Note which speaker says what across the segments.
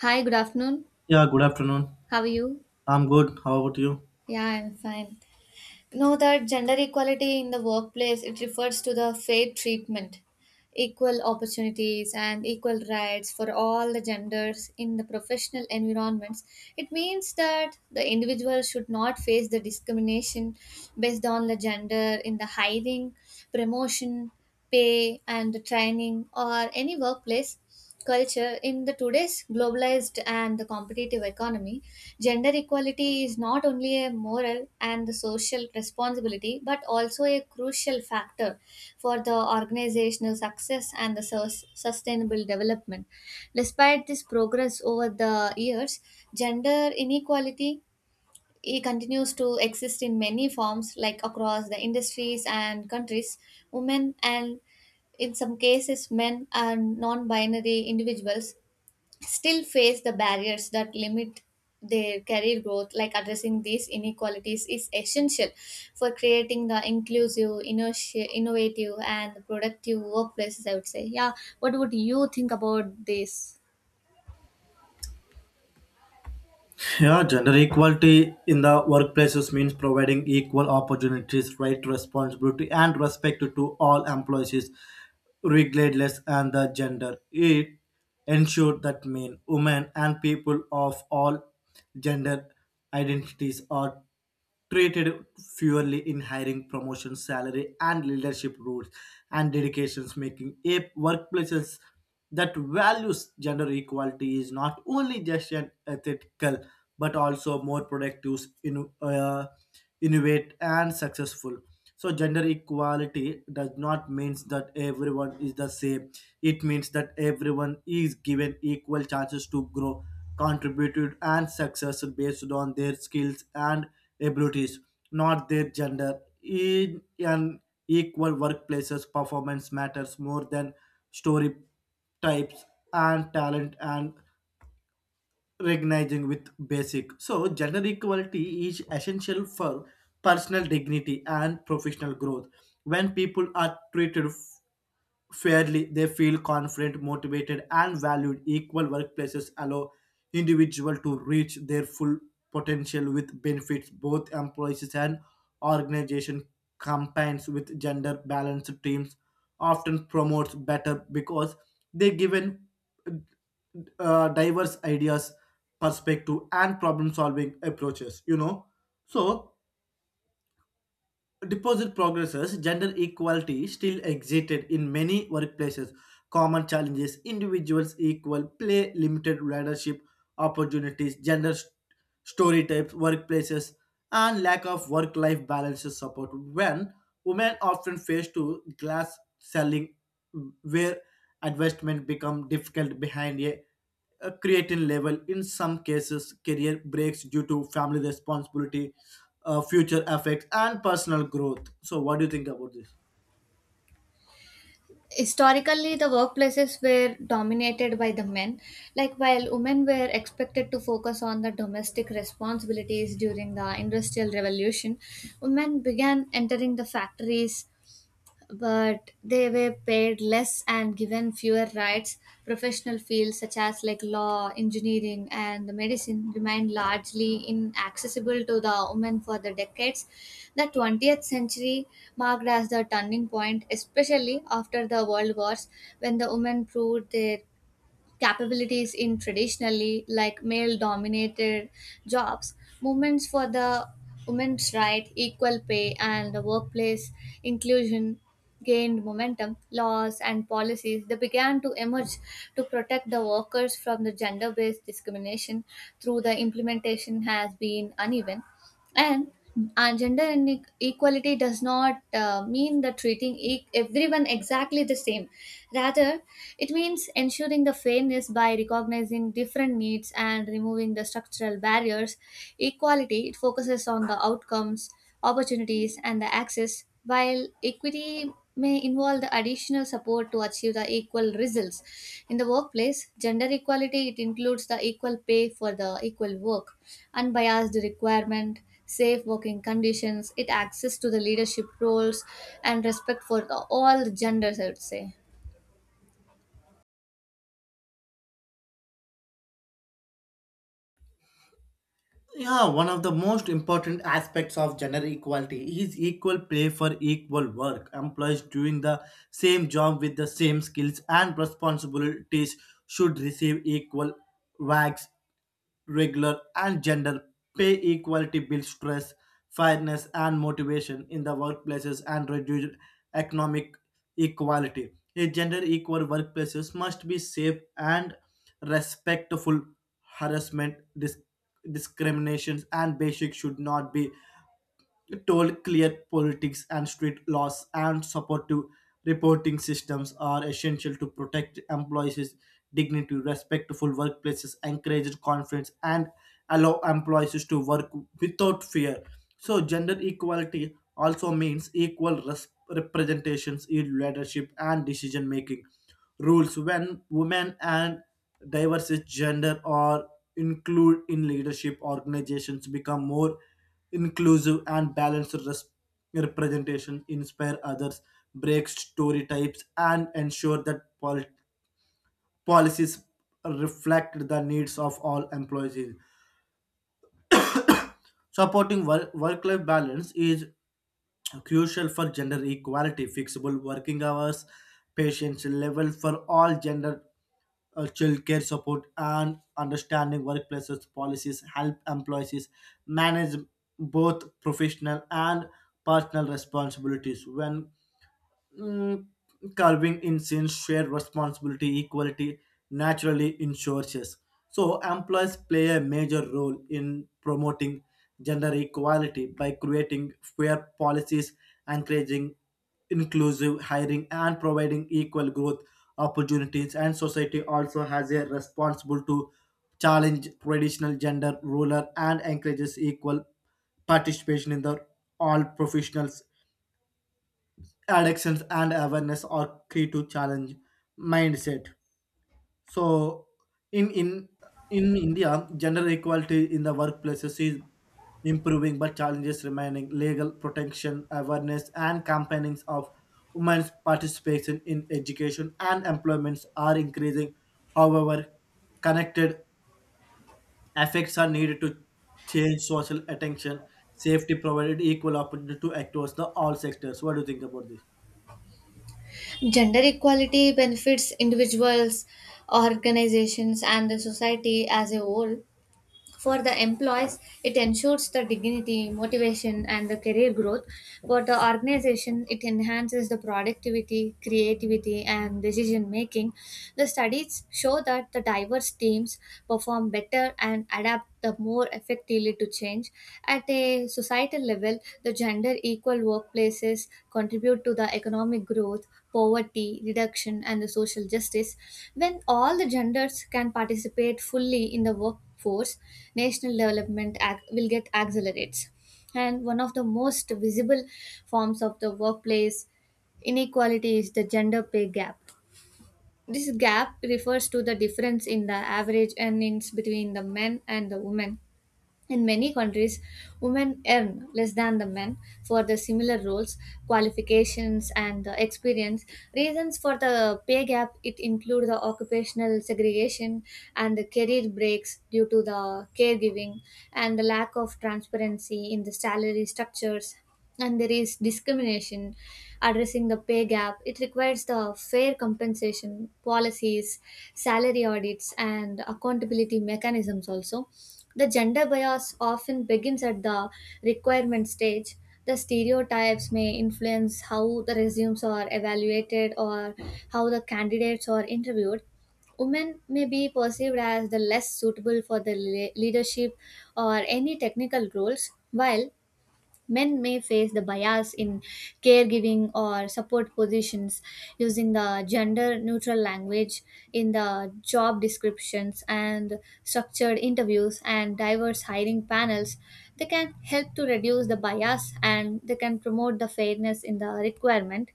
Speaker 1: Hi, good afternoon.
Speaker 2: Yeah, good afternoon.
Speaker 1: How are you?
Speaker 2: I'm good. How about you?
Speaker 1: Yeah, I'm fine. You know that gender equality in the workplace, it refers to the fair treatment, equal opportunities, and equal rights for all the genders in the professional environments. It means that the individual should not face the discrimination based on the gender in the hiring, promotion, pay, and the training or any workplace culture. In the today's globalized and the competitive economy, gender equality is not only a moral and the social responsibility but also a crucial factor for the organizational success and the sustainable development. Despite this progress over the years, gender inequality he continues to exist in many forms, like across the industries and countries. Women and, in some cases, men and non-binary individuals still face the barriers that limit their career growth. Like addressing these inequalities is essential for creating the inclusive innovative and productive workplaces, I would say. Yeah, what would you think about this?
Speaker 2: Yeah, gender equality in the workplaces means providing equal opportunities, right, responsibility, and respect to all employees, regardless and the gender. It ensure that men, women, and people of all gender identities are treated fairly in hiring, promotion, salary, and leadership roles and dedications, making a workplaces that values gender equality is not only just an ethical but also more productive, innovate and successful. So gender equality does not mean that everyone is the same. It means that everyone is given equal chances to grow, contributed and success based on their skills and abilities, not their gender. In an equal workplaces performance matters more than story types and talent and recognizing with basic. So gender equality is essential for personal dignity and professional growth. When people are treated fairly, they feel confident, motivated, and valued. Equal workplaces allow individual to reach their full potential with benefits both employees and organization campaigns with gender balanced teams often promotes better because they given diverse ideas, perspective, and problem-solving approaches. So deposit progresses. Gender equality still existed in many workplaces. Common challenges: individuals equal play, limited leadership opportunities, gender story types, workplaces, and lack of work-life balances support. When women often face to glass selling, where investment become difficult behind a creatine level. In some cases, career breaks due to family responsibility, future effects, and personal growth. So, what do you think about this?
Speaker 1: Historically the workplaces were dominated by the men, like while women were expected to focus on the domestic responsibilities. During the industrial revolution, women began entering the factories, but they were paid less and given fewer rights. Professional fields such as like law, engineering, and medicine remained largely inaccessible to the women for the decades. The 20th century marked as the turning point, especially after the World Wars, when the women proved their capabilities in traditionally like male dominated jobs. Movements for the women's right equal pay and the workplace inclusion gained momentum. Laws and policies that began to emerge to protect the workers from the gender based discrimination through the implementation has been uneven. And gender equality does not mean that treating everyone exactly the same, rather it means ensuring the fairness by recognizing different needs and removing the structural barriers. Equality it focuses on the outcomes, opportunities and the access, while equity may involve the additional support to achieve the equal results. In the workplace, gender equality it includes the equal pay for the equal work, unbiased requirement, safe working conditions, it access to the leadership roles, and respect for the, all genders, I would say.
Speaker 2: Yeah, one of the most important aspects of gender equality is equal pay for equal work. Employees doing the same job with the same skills and responsibilities should receive equal wages, regular and gender pay equality builds stress, fairness and motivation in the workplaces and reduce economic equality. A gender equal workplaces must be safe and respectful. Harassment, discriminations, and basic should not be told clear politics and strict laws and supportive reporting systems are essential to protect employees' dignity, respectful workplaces, encourage confidence, and allow employees to work without fear. So, gender equality also means equal representations in leadership and decision making rules when women and diverse gender are included in leadership organizations become more inclusive and balanced representation inspire others break story types and ensure that policies reflect the needs of all employees supporting work life balance is crucial for gender equality, flexible working hours, patience level for all gender childcare support and understanding workplaces policies help employees manage both professional and personal responsibilities when Mm, carving in scenes share responsibility equality naturally ensures. So employers play a major role in promoting gender equality by creating fair policies, encouraging inclusive hiring and providing equal growth opportunities and society also has a responsible to challenge traditional gender ruler and encourages equal participation in the all professionals addictions and awareness are key to challenge mindset. So in in in India gender equality in the workplaces is improving but challenges remaining legal protection awareness and campaigns of women's participation in education and employments are increasing. However, connected effects are needed to change social attention, safety provided equal opportunity to across the all sectors. What do you think about this?
Speaker 1: Gender equality benefits individuals, organizations, and the society as a whole. For the employees, it ensures the dignity, motivation, and the career growth. For the organization, it enhances the productivity, creativity, and decision making. The studies show that the diverse teams perform better and adapt the more effectively to change. At a societal level, the gender equal workplaces contribute to the economic growth, poverty reduction, and the social justice. When all the genders can participate fully in the work force, national development will get accelerates. And one of the most visible forms of the workplace inequality is the gender pay gap. This gap refers to the difference in the average earnings between the men and the women. In many countries, women earn less than the men for the similar roles, qualifications, and the experience. Reasons for the pay gap it include the occupational segregation and the career breaks due to the caregiving and the lack of transparency in the salary structures. And there is discrimination. Addressing the pay gap, it requires the fair compensation policies, salary audits, and accountability mechanisms. Also the gender bias often begins at the requirement stage. The stereotypes may influence how the resumes are evaluated or how the candidates are interviewed. Women may be perceived as the less suitable for the leadership or any technical roles, while men may face the bias in caregiving or support positions. Using the gender neutral language in the job descriptions and structured interviews and diverse hiring panels, they can help to reduce the bias and they can promote the fairness in the requirement.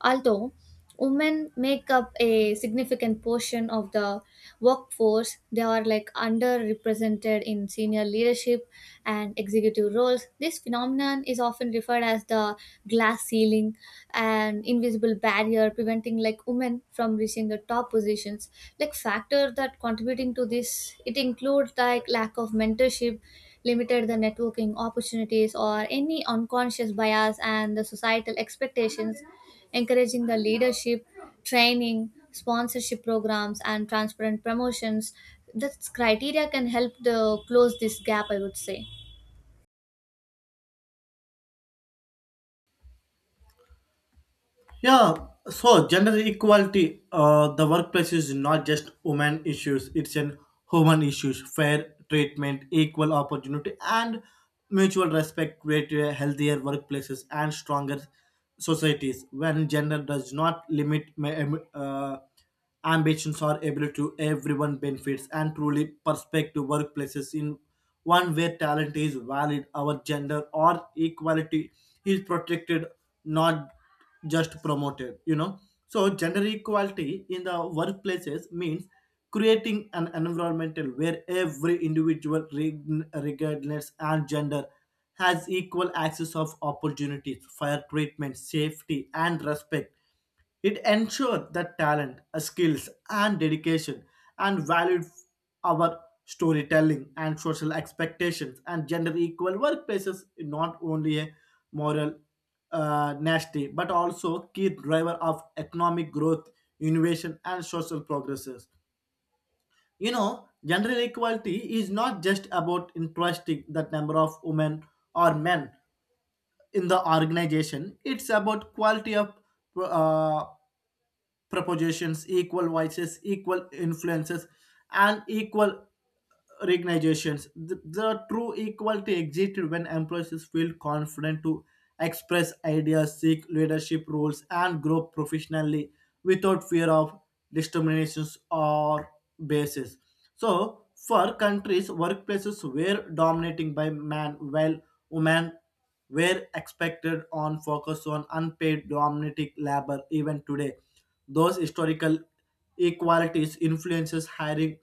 Speaker 1: Although women make up a significant portion of the workforce, they are like underrepresented in senior leadership and executive roles. This phenomenon is often referred as the glass ceiling and invisible barrier preventing like women from reaching the top positions. Like factor that contributing to this it includes like lack of mentorship, limited the networking opportunities or any unconscious bias and the societal expectations, encouraging the leadership, training, sponsorship programs, and transparent promotions. This criteria can help the close this gap, I would say.
Speaker 2: Yeah, so gender equality, the workplace is not just women issues, it's an human issues, fair treatment, equal opportunity, and mutual respect create a healthier workplaces and stronger societies when gender does not limit ambitions or ability to everyone benefits and truly perspective workplaces in one where talent is valid our gender or equality is protected, not just promoted, you know. So gender equality in the workplaces means creating an environmental where every individual regardless and gender has equal access of opportunities, fair treatment, safety and respect. It ensured that talent, skills, and dedication and valued our storytelling and social expectations and gender equal workplaces is not only a moral nasty but also key driver of economic growth, innovation, and social progresses. You know, gender equality is not just about interesting the number of women or men in the organization. It's about quality of uh, Propositions, equal voices, equal influences, and equal recognitions. The true equality exists when employees feel confident to express ideas, seek leadership roles, and grow professionally without fear of discriminations or basis. So, for countries, workplaces were dominating by men, while women were expected on focus on unpaid domestic labor even today. Those historical equalities influences hiring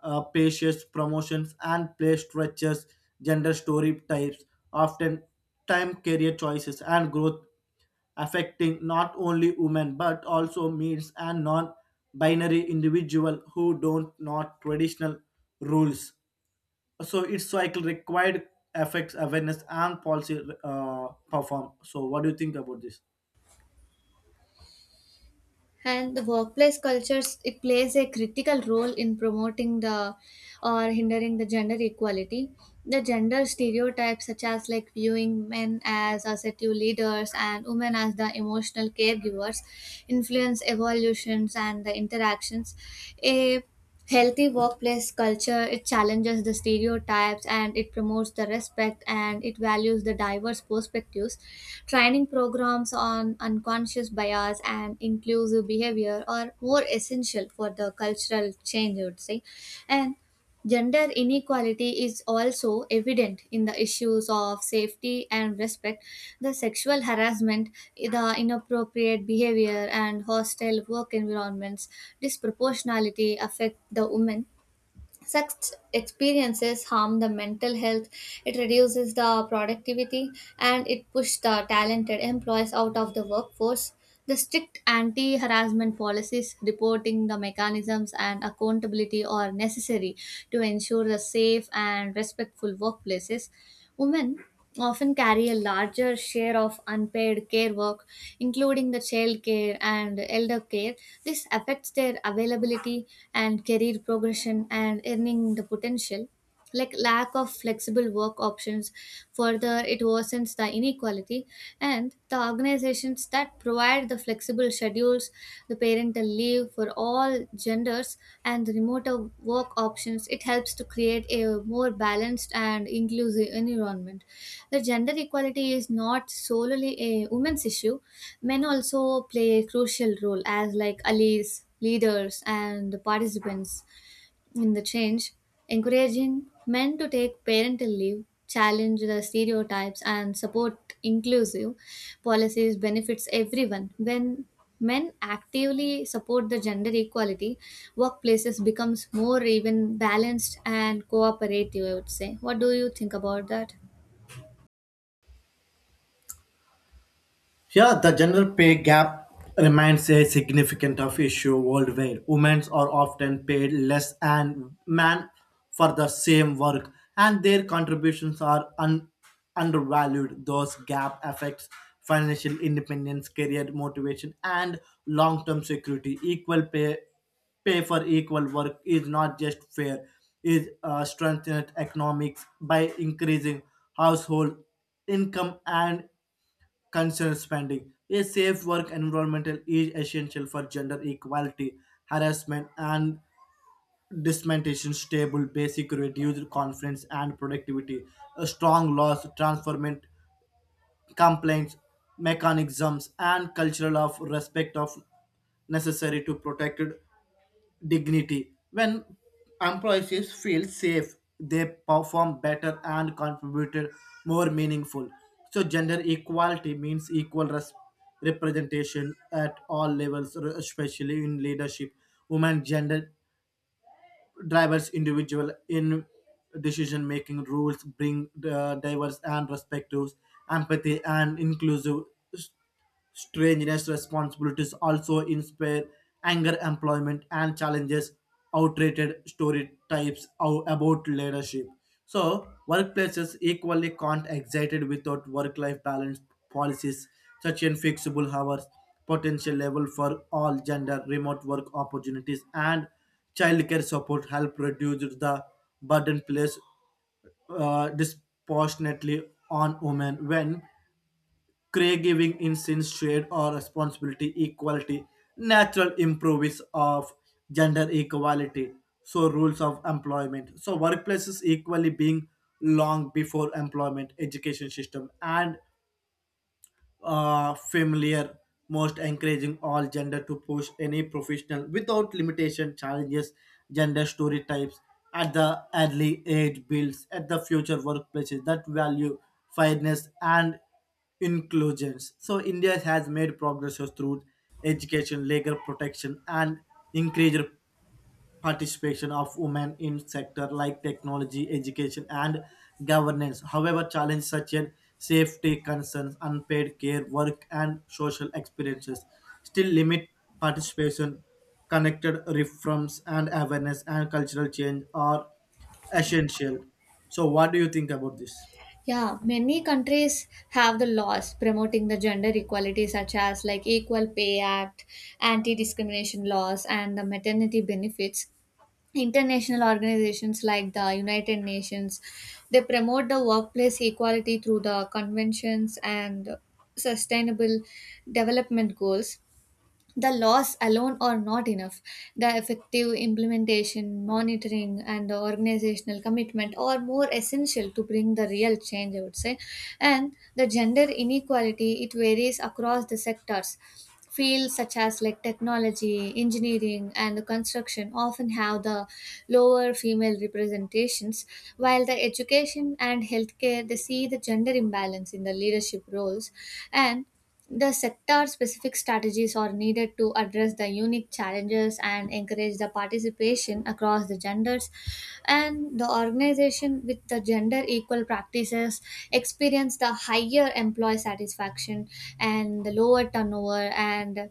Speaker 2: patients, promotions, and play structures, gender story types, often time career choices and growth affecting not only women but also males and non-binary individual who don't not traditional rules. So its cycle required affects awareness and policy perform. So what do you think about this?
Speaker 1: And the workplace cultures, it plays a critical role in promoting the or hindering the gender equality. The gender stereotypes, such as like viewing men as assertive leaders and women as the emotional caregivers, influence evolutions and the interactions. A healthy workplace culture it challenges the stereotypes and it promotes the respect and it values the diverse perspectives. Training programs on unconscious bias and inclusive behavior are more essential for the cultural change, I would say. And gender inequality is also evident in the issues of safety and respect, the sexual harassment, the inappropriate behavior, and hostile work environments. Disproportionality affect the women. Such experiences harm the mental health, it reduces the productivity, and it pushes the talented employees out of the workforce. The strict anti harassment policies, reporting the mechanisms, and accountability are necessary to ensure the safe and respectful workplaces. Women often carry a larger share of unpaid care work, including the child care and elder care. This affects their availability and career progression and earning the potential. Like lack of flexible work options, further it worsens the inequality, and the organizations that provide the flexible schedules, the parental leave for all genders, and the remote work options, it helps to create a more balanced and inclusive environment. The gender equality is not solely a women's issue. Men also play a crucial role as like allies, leaders, and participants in the change. Encouraging men to take parental leave, challenge the stereotypes, and support inclusive policies benefits everyone. When men actively support the gender equality, workplaces becomes more even balanced and cooperative, I would say. What do you think about that?
Speaker 2: Yeah, the general pay gap remains a significant of issue worldwide. Women are often paid less than men for the same work, and their contributions are undervalued. Those gap affects financial independence, career motivation, and long-term security. Equal pay for equal work is not just fair; it strengthens economics by increasing household income and concerned spending. A safe work environment is essential for gender equality, harassment, and dismantation stable basic reduced confidence and productivity. A strong laws transformant complaints mechanisms and cultural of respect of necessary to protect dignity. When employees feel safe, they perform better and contribute more meaningful. So gender equality means equal representation at all levels, especially in leadership. Women gender drivers individual in decision making rules bring diverse and respective empathy and inclusive s- strangeness responsibilities also inspire anger employment and challenges outdated story types about leadership. So workplaces equally can't excited without work-life balance policies such as flexible hours, potential level for all gender, remote work opportunities and childcare support help reduce the burden placed disproportionately on women when caregiving instance shared or responsibility equality natural improves of gender equality. So rules of employment, so workplaces equally being long before employment education system and familiar, most encouraging all gender to push any professional without limitation challenges gender stereotypes at the early age builds at the future workplaces that value fairness and inclusions. So India has made progress through education, legal protection, and increased participation of women in sectors like technology, education, and governance. However, challenges such as safety concerns, unpaid care, work, and social experiences still limit participation. Connected reforms and awareness and cultural change are essential. So, what do you think about this?
Speaker 1: Yeah, many countries have the laws promoting the gender equality, such as like Equal Pay Act, anti-discrimination laws, and the maternity benefits. International organizations like the United Nations, they promote the workplace equality through the conventions and sustainable development goals. The laws alone are not enough. The effective implementation, monitoring, and the organizational commitment are more essential to bring the real change, I would say. And the gender inequality, it varies across the sectors. Fields such as like technology, engineering, and the construction often have the lower female representations, while the education and healthcare they see the gender imbalance in the leadership roles, and the sector specific strategies are needed to address the unique challenges and encourage the participation across the genders. And the organization with the gender equal practices experience the higher employee satisfaction and the lower turnover and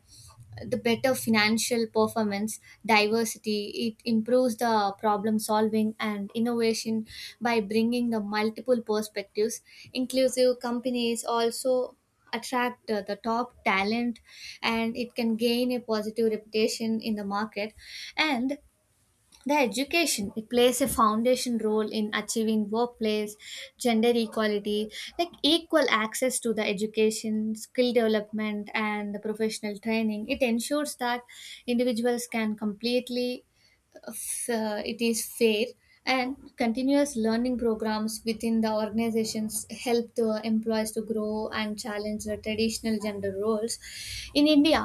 Speaker 1: the better financial performance. Diversity it improves the problem solving and innovation by bringing the multiple perspectives. Inclusive companies also attract the top talent and it can gain a positive reputation in the market. And the education it plays a foundation role in achieving workplace gender equality, like equal access to the education, skill development, and the professional training. It ensures that individuals can completely it is fair, and continuous learning programs within the organizations help the employees to grow and challenge the traditional gender roles. In India,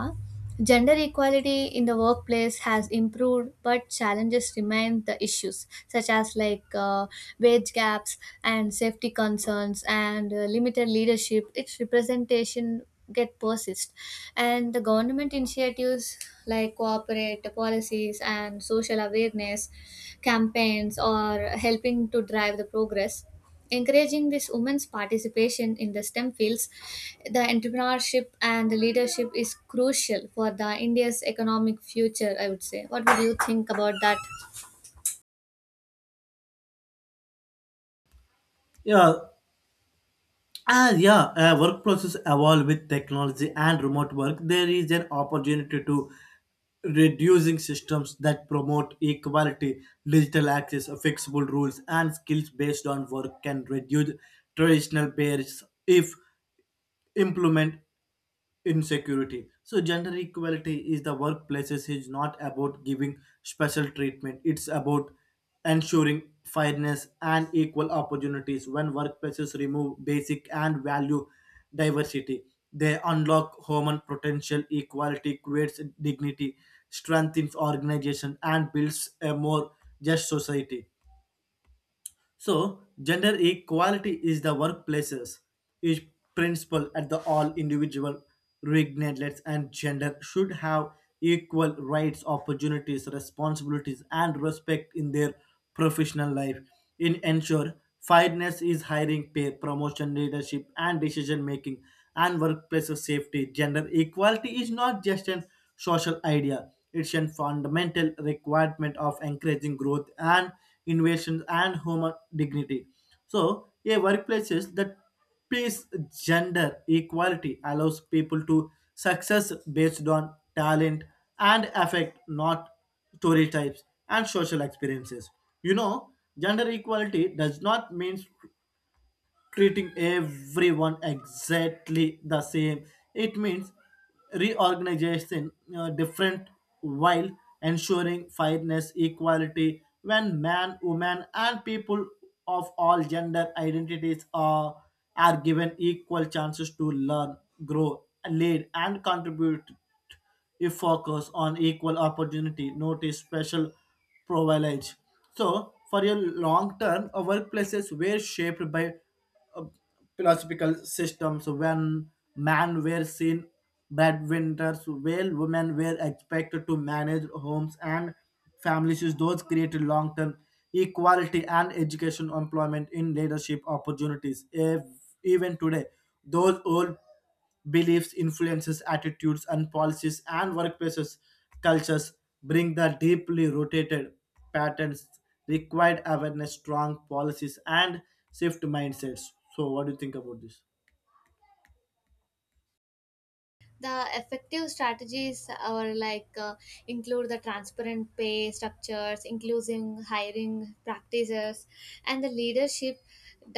Speaker 1: gender equality in the workplace has improved, but challenges remain. The issues, such as like wage gaps and safety concerns and limited leadership. Its representation get persist, and the government initiatives like corporate policies and social awareness campaigns are helping to drive the progress. Encouraging this women's participation in the STEM fields, the entrepreneurship and the leadership is crucial for the India's economic future, I would say. What would you think about that?
Speaker 2: Yeah, yeah, work process evolve with technology and remote work, there is an opportunity to reducing systems that promote equality, digital access, flexible rules, and skills based on work can reduce traditional barriers if implemented insecurity. So gender equality is the workplaces is not about giving special treatment. It's about ensuring fairness and equal opportunities. When workplaces remove basic and value diversity, they unlock human potential. Equality creates dignity, strengthens organization, and builds a more just society. So, gender equality is the workplaces is principle at the all individual regardless and gender should have equal rights, opportunities, responsibilities, and respect in their professional life. In ensure fairness is hiring, pay, promotion, leadership, and decision making, and workplace safety. Gender equality is not just an social idea. It's a fundamental requirement of encouraging growth and innovation and human dignity. So, a workplace is that peace, gender equality allows people to success based on talent and affect, not story types and social experiences. You know, gender equality does not mean treating everyone exactly the same. It means reorganization different while ensuring fairness, equality when man, woman, and people of all gender identities are given equal chances to learn, grow, lead, and contribute if focus on equal opportunity, notice special privilege. So, for a long term, our workplaces were shaped by uh, philosophical systems when men were seen breadwinners, while women were expected to manage homes and families. Those created long term equality and education, employment in leadership opportunities. If, even today, those old beliefs, influences, attitudes, and policies, and workplaces cultures bring the deeply rooted patterns required awareness, strong policies, and shift mindsets. So, what do you think about this?
Speaker 1: The effective strategies are like, include the transparent pay structures, including hiring practices and the leadership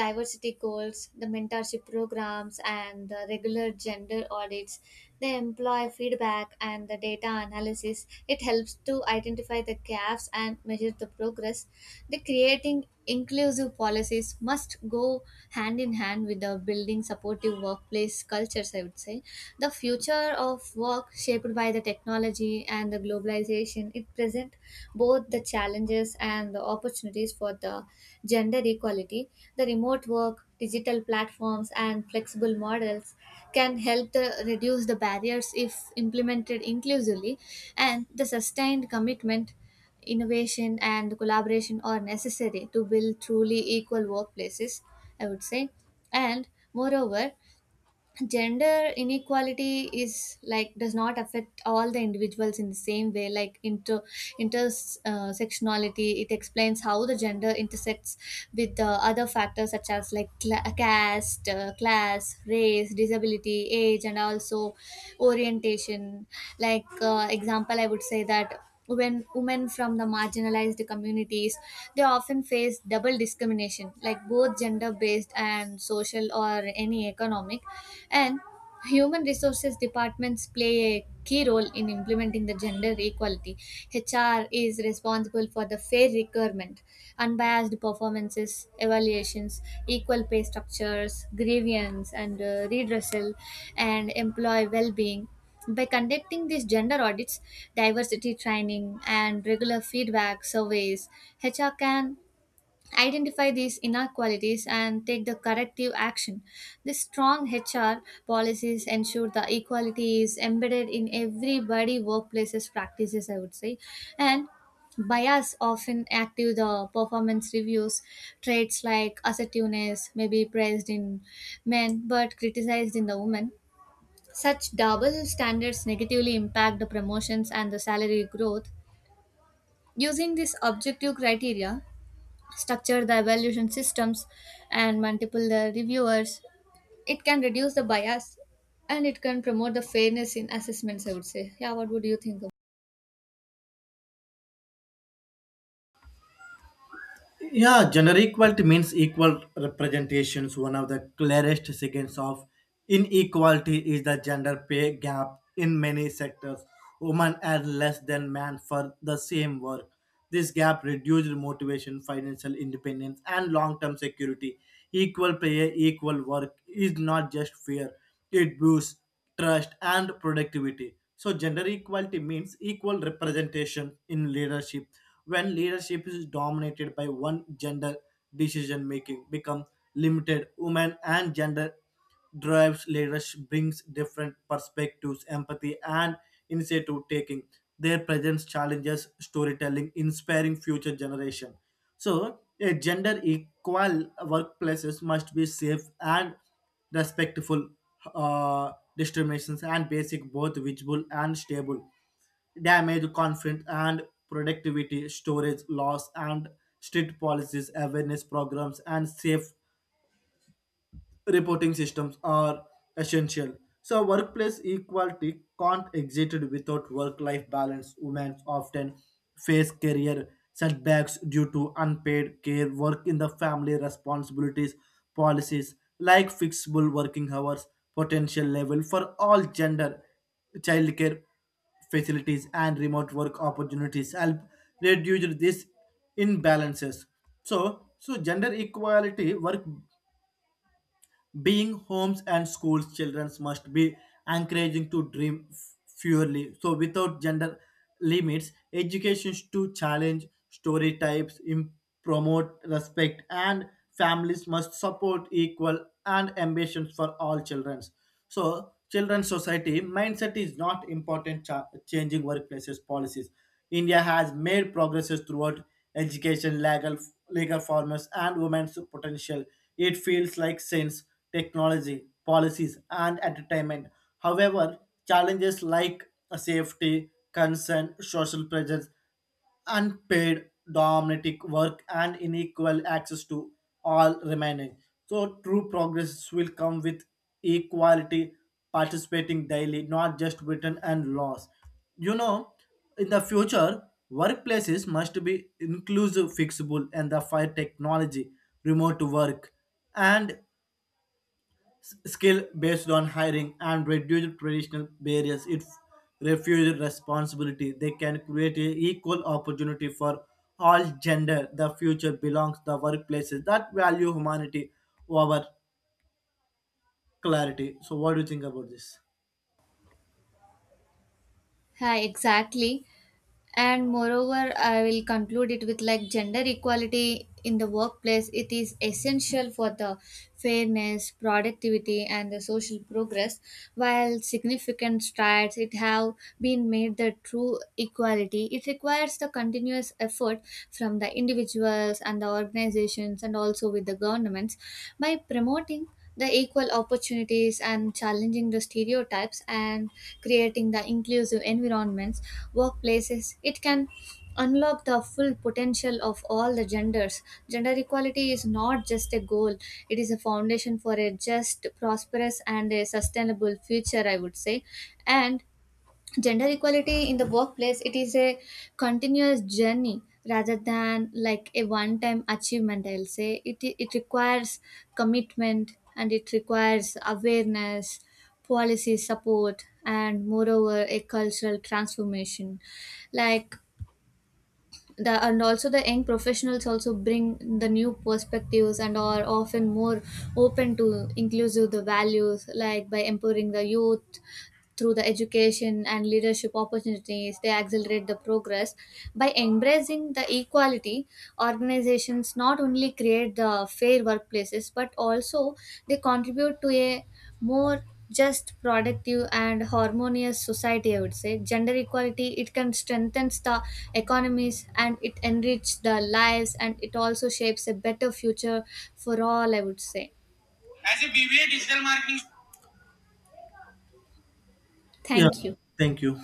Speaker 1: diversity goals, the mentorship programs and the regular gender audits. They employ feedback and the data analysis, it helps to identify the gaps and measure the progress. The creating inclusive policies must go hand in hand with the building supportive workplace cultures, I would say. The future of work shaped by the technology and the globalization, it present both the challenges and the opportunities for the gender equality. The remote work, digital platforms and flexible models can help the, reduce the barriers if implemented inclusively, and the sustained commitment, innovation and collaboration are necessary to build truly equal workplaces, I would say. And moreover, gender inequality is like does not affect all the individuals in the same way. Like intersectionality it explains how the gender intersects with the other factors, such as like cla caste, class, race, disability, age and also orientation. Like, example, I would say that, when women from the marginalized communities, they often face double discrimination, like both gender based and social or any economic. And human resources departments play a key role in implementing the gender equality. HR is responsible for the fair requirement, unbiased performances evaluations, equal pay structures, grievance and redressal, and employee well-being. By conducting these gender audits, diversity training, and regular feedback surveys, HR can identify these inequalities and take the corrective action. The strong HR policies ensure the equality is embedded in everybody workplaces practices, I would say. And bias often active the performance reviews. Traits like assertiveness may be praised in men but criticized in the women. Such double standards negatively impact the promotions and the salary growth. Using this objective criteria, structure the evaluation systems and multiple the reviewers, it can reduce the bias and it can promote the fairness in assessments, I would say. Yeah, what would you think about?
Speaker 2: Yeah, gender equality means equal representations. One of the clearest signs of inequality is the gender pay gap in many sectors. Women are less than men for the same work. This gap reduces motivation, financial independence, and long term security. Equal pay, equal work is not just fair, it boosts trust, and productivity. So, gender equality means equal representation in leadership. When leadership is dominated by one gender, decision making becomes limited. Women and gender drives leadership brings different perspectives, empathy, and initiative taking. Their presence challenges storytelling, inspiring future generation. So, a gender equal workplaces must be safe and respectful discriminations and basic both visible and stable damage confidence and productivity storage loss and strict policies awareness programs and safe reporting systems are essential. So workplace equality can't exist without work-life balance. Women often face career setbacks due to unpaid care, work in the family responsibilities, policies like flexible working hours, potential level for all gender, childcare facilities and remote work opportunities help reduce these imbalances. So gender equality work being homes and schools children must be encouraging to dream purely so without gender limits education to challenge story types promote respect and families must support equal and ambitions for all children. So, children's society mindset is not important changing workplaces policies. India has made progresses throughout education, legal formats, and women's potential. It feels like science, technology, policies, and entertainment. However, challenges like safety, concern, social pressures, unpaid domestic work and unequal access to all remaining. So true progress will come with equality participating daily, not just written and laws. You know, in the future, workplaces must be inclusive, flexible, and the fire technology, remote work, and skill based on hiring and reduced traditional barriers. It refused responsibility. They can create a equal opportunity for all gender. The future belongs the workplaces that value humanity over clarity. So what do you think about this?
Speaker 1: Hi, exactly. And moreover, I will conclude it with like gender equality in the workplace. It is essential for the fairness, productivity, and the social progress. While significant strides it have been made, the true equality it requires the continuous effort from the individuals and the organizations, and also with the governments, by promoting the equal opportunities and challenging the stereotypes and creating the inclusive environments, workplaces it can unlock the full potential of all the genders. Gender equality is not just a goal, it is a foundation for a just prosperous and a sustainable future, I would say. And gender equality in the workplace, it is a continuous journey rather than like a one time achievement, I'll say it. It requires commitment and it requires awareness, policy support and moreover a cultural transformation. Like the and also the young professionals also bring the new perspectives and are often more open to inclusive the values, like by empowering the youth through the education and leadership opportunities, they accelerate the progress. By embracing the equality, organizations not only create the fair workplaces but also they contribute to a more just productive and harmonious society, I would say. Gender equality it can strengthen the economies and it enrich the lives and it also shapes a better future for all, I would say.
Speaker 2: As a BBA digital marketing. Yeah.
Speaker 1: Thank you.
Speaker 2: Thank you.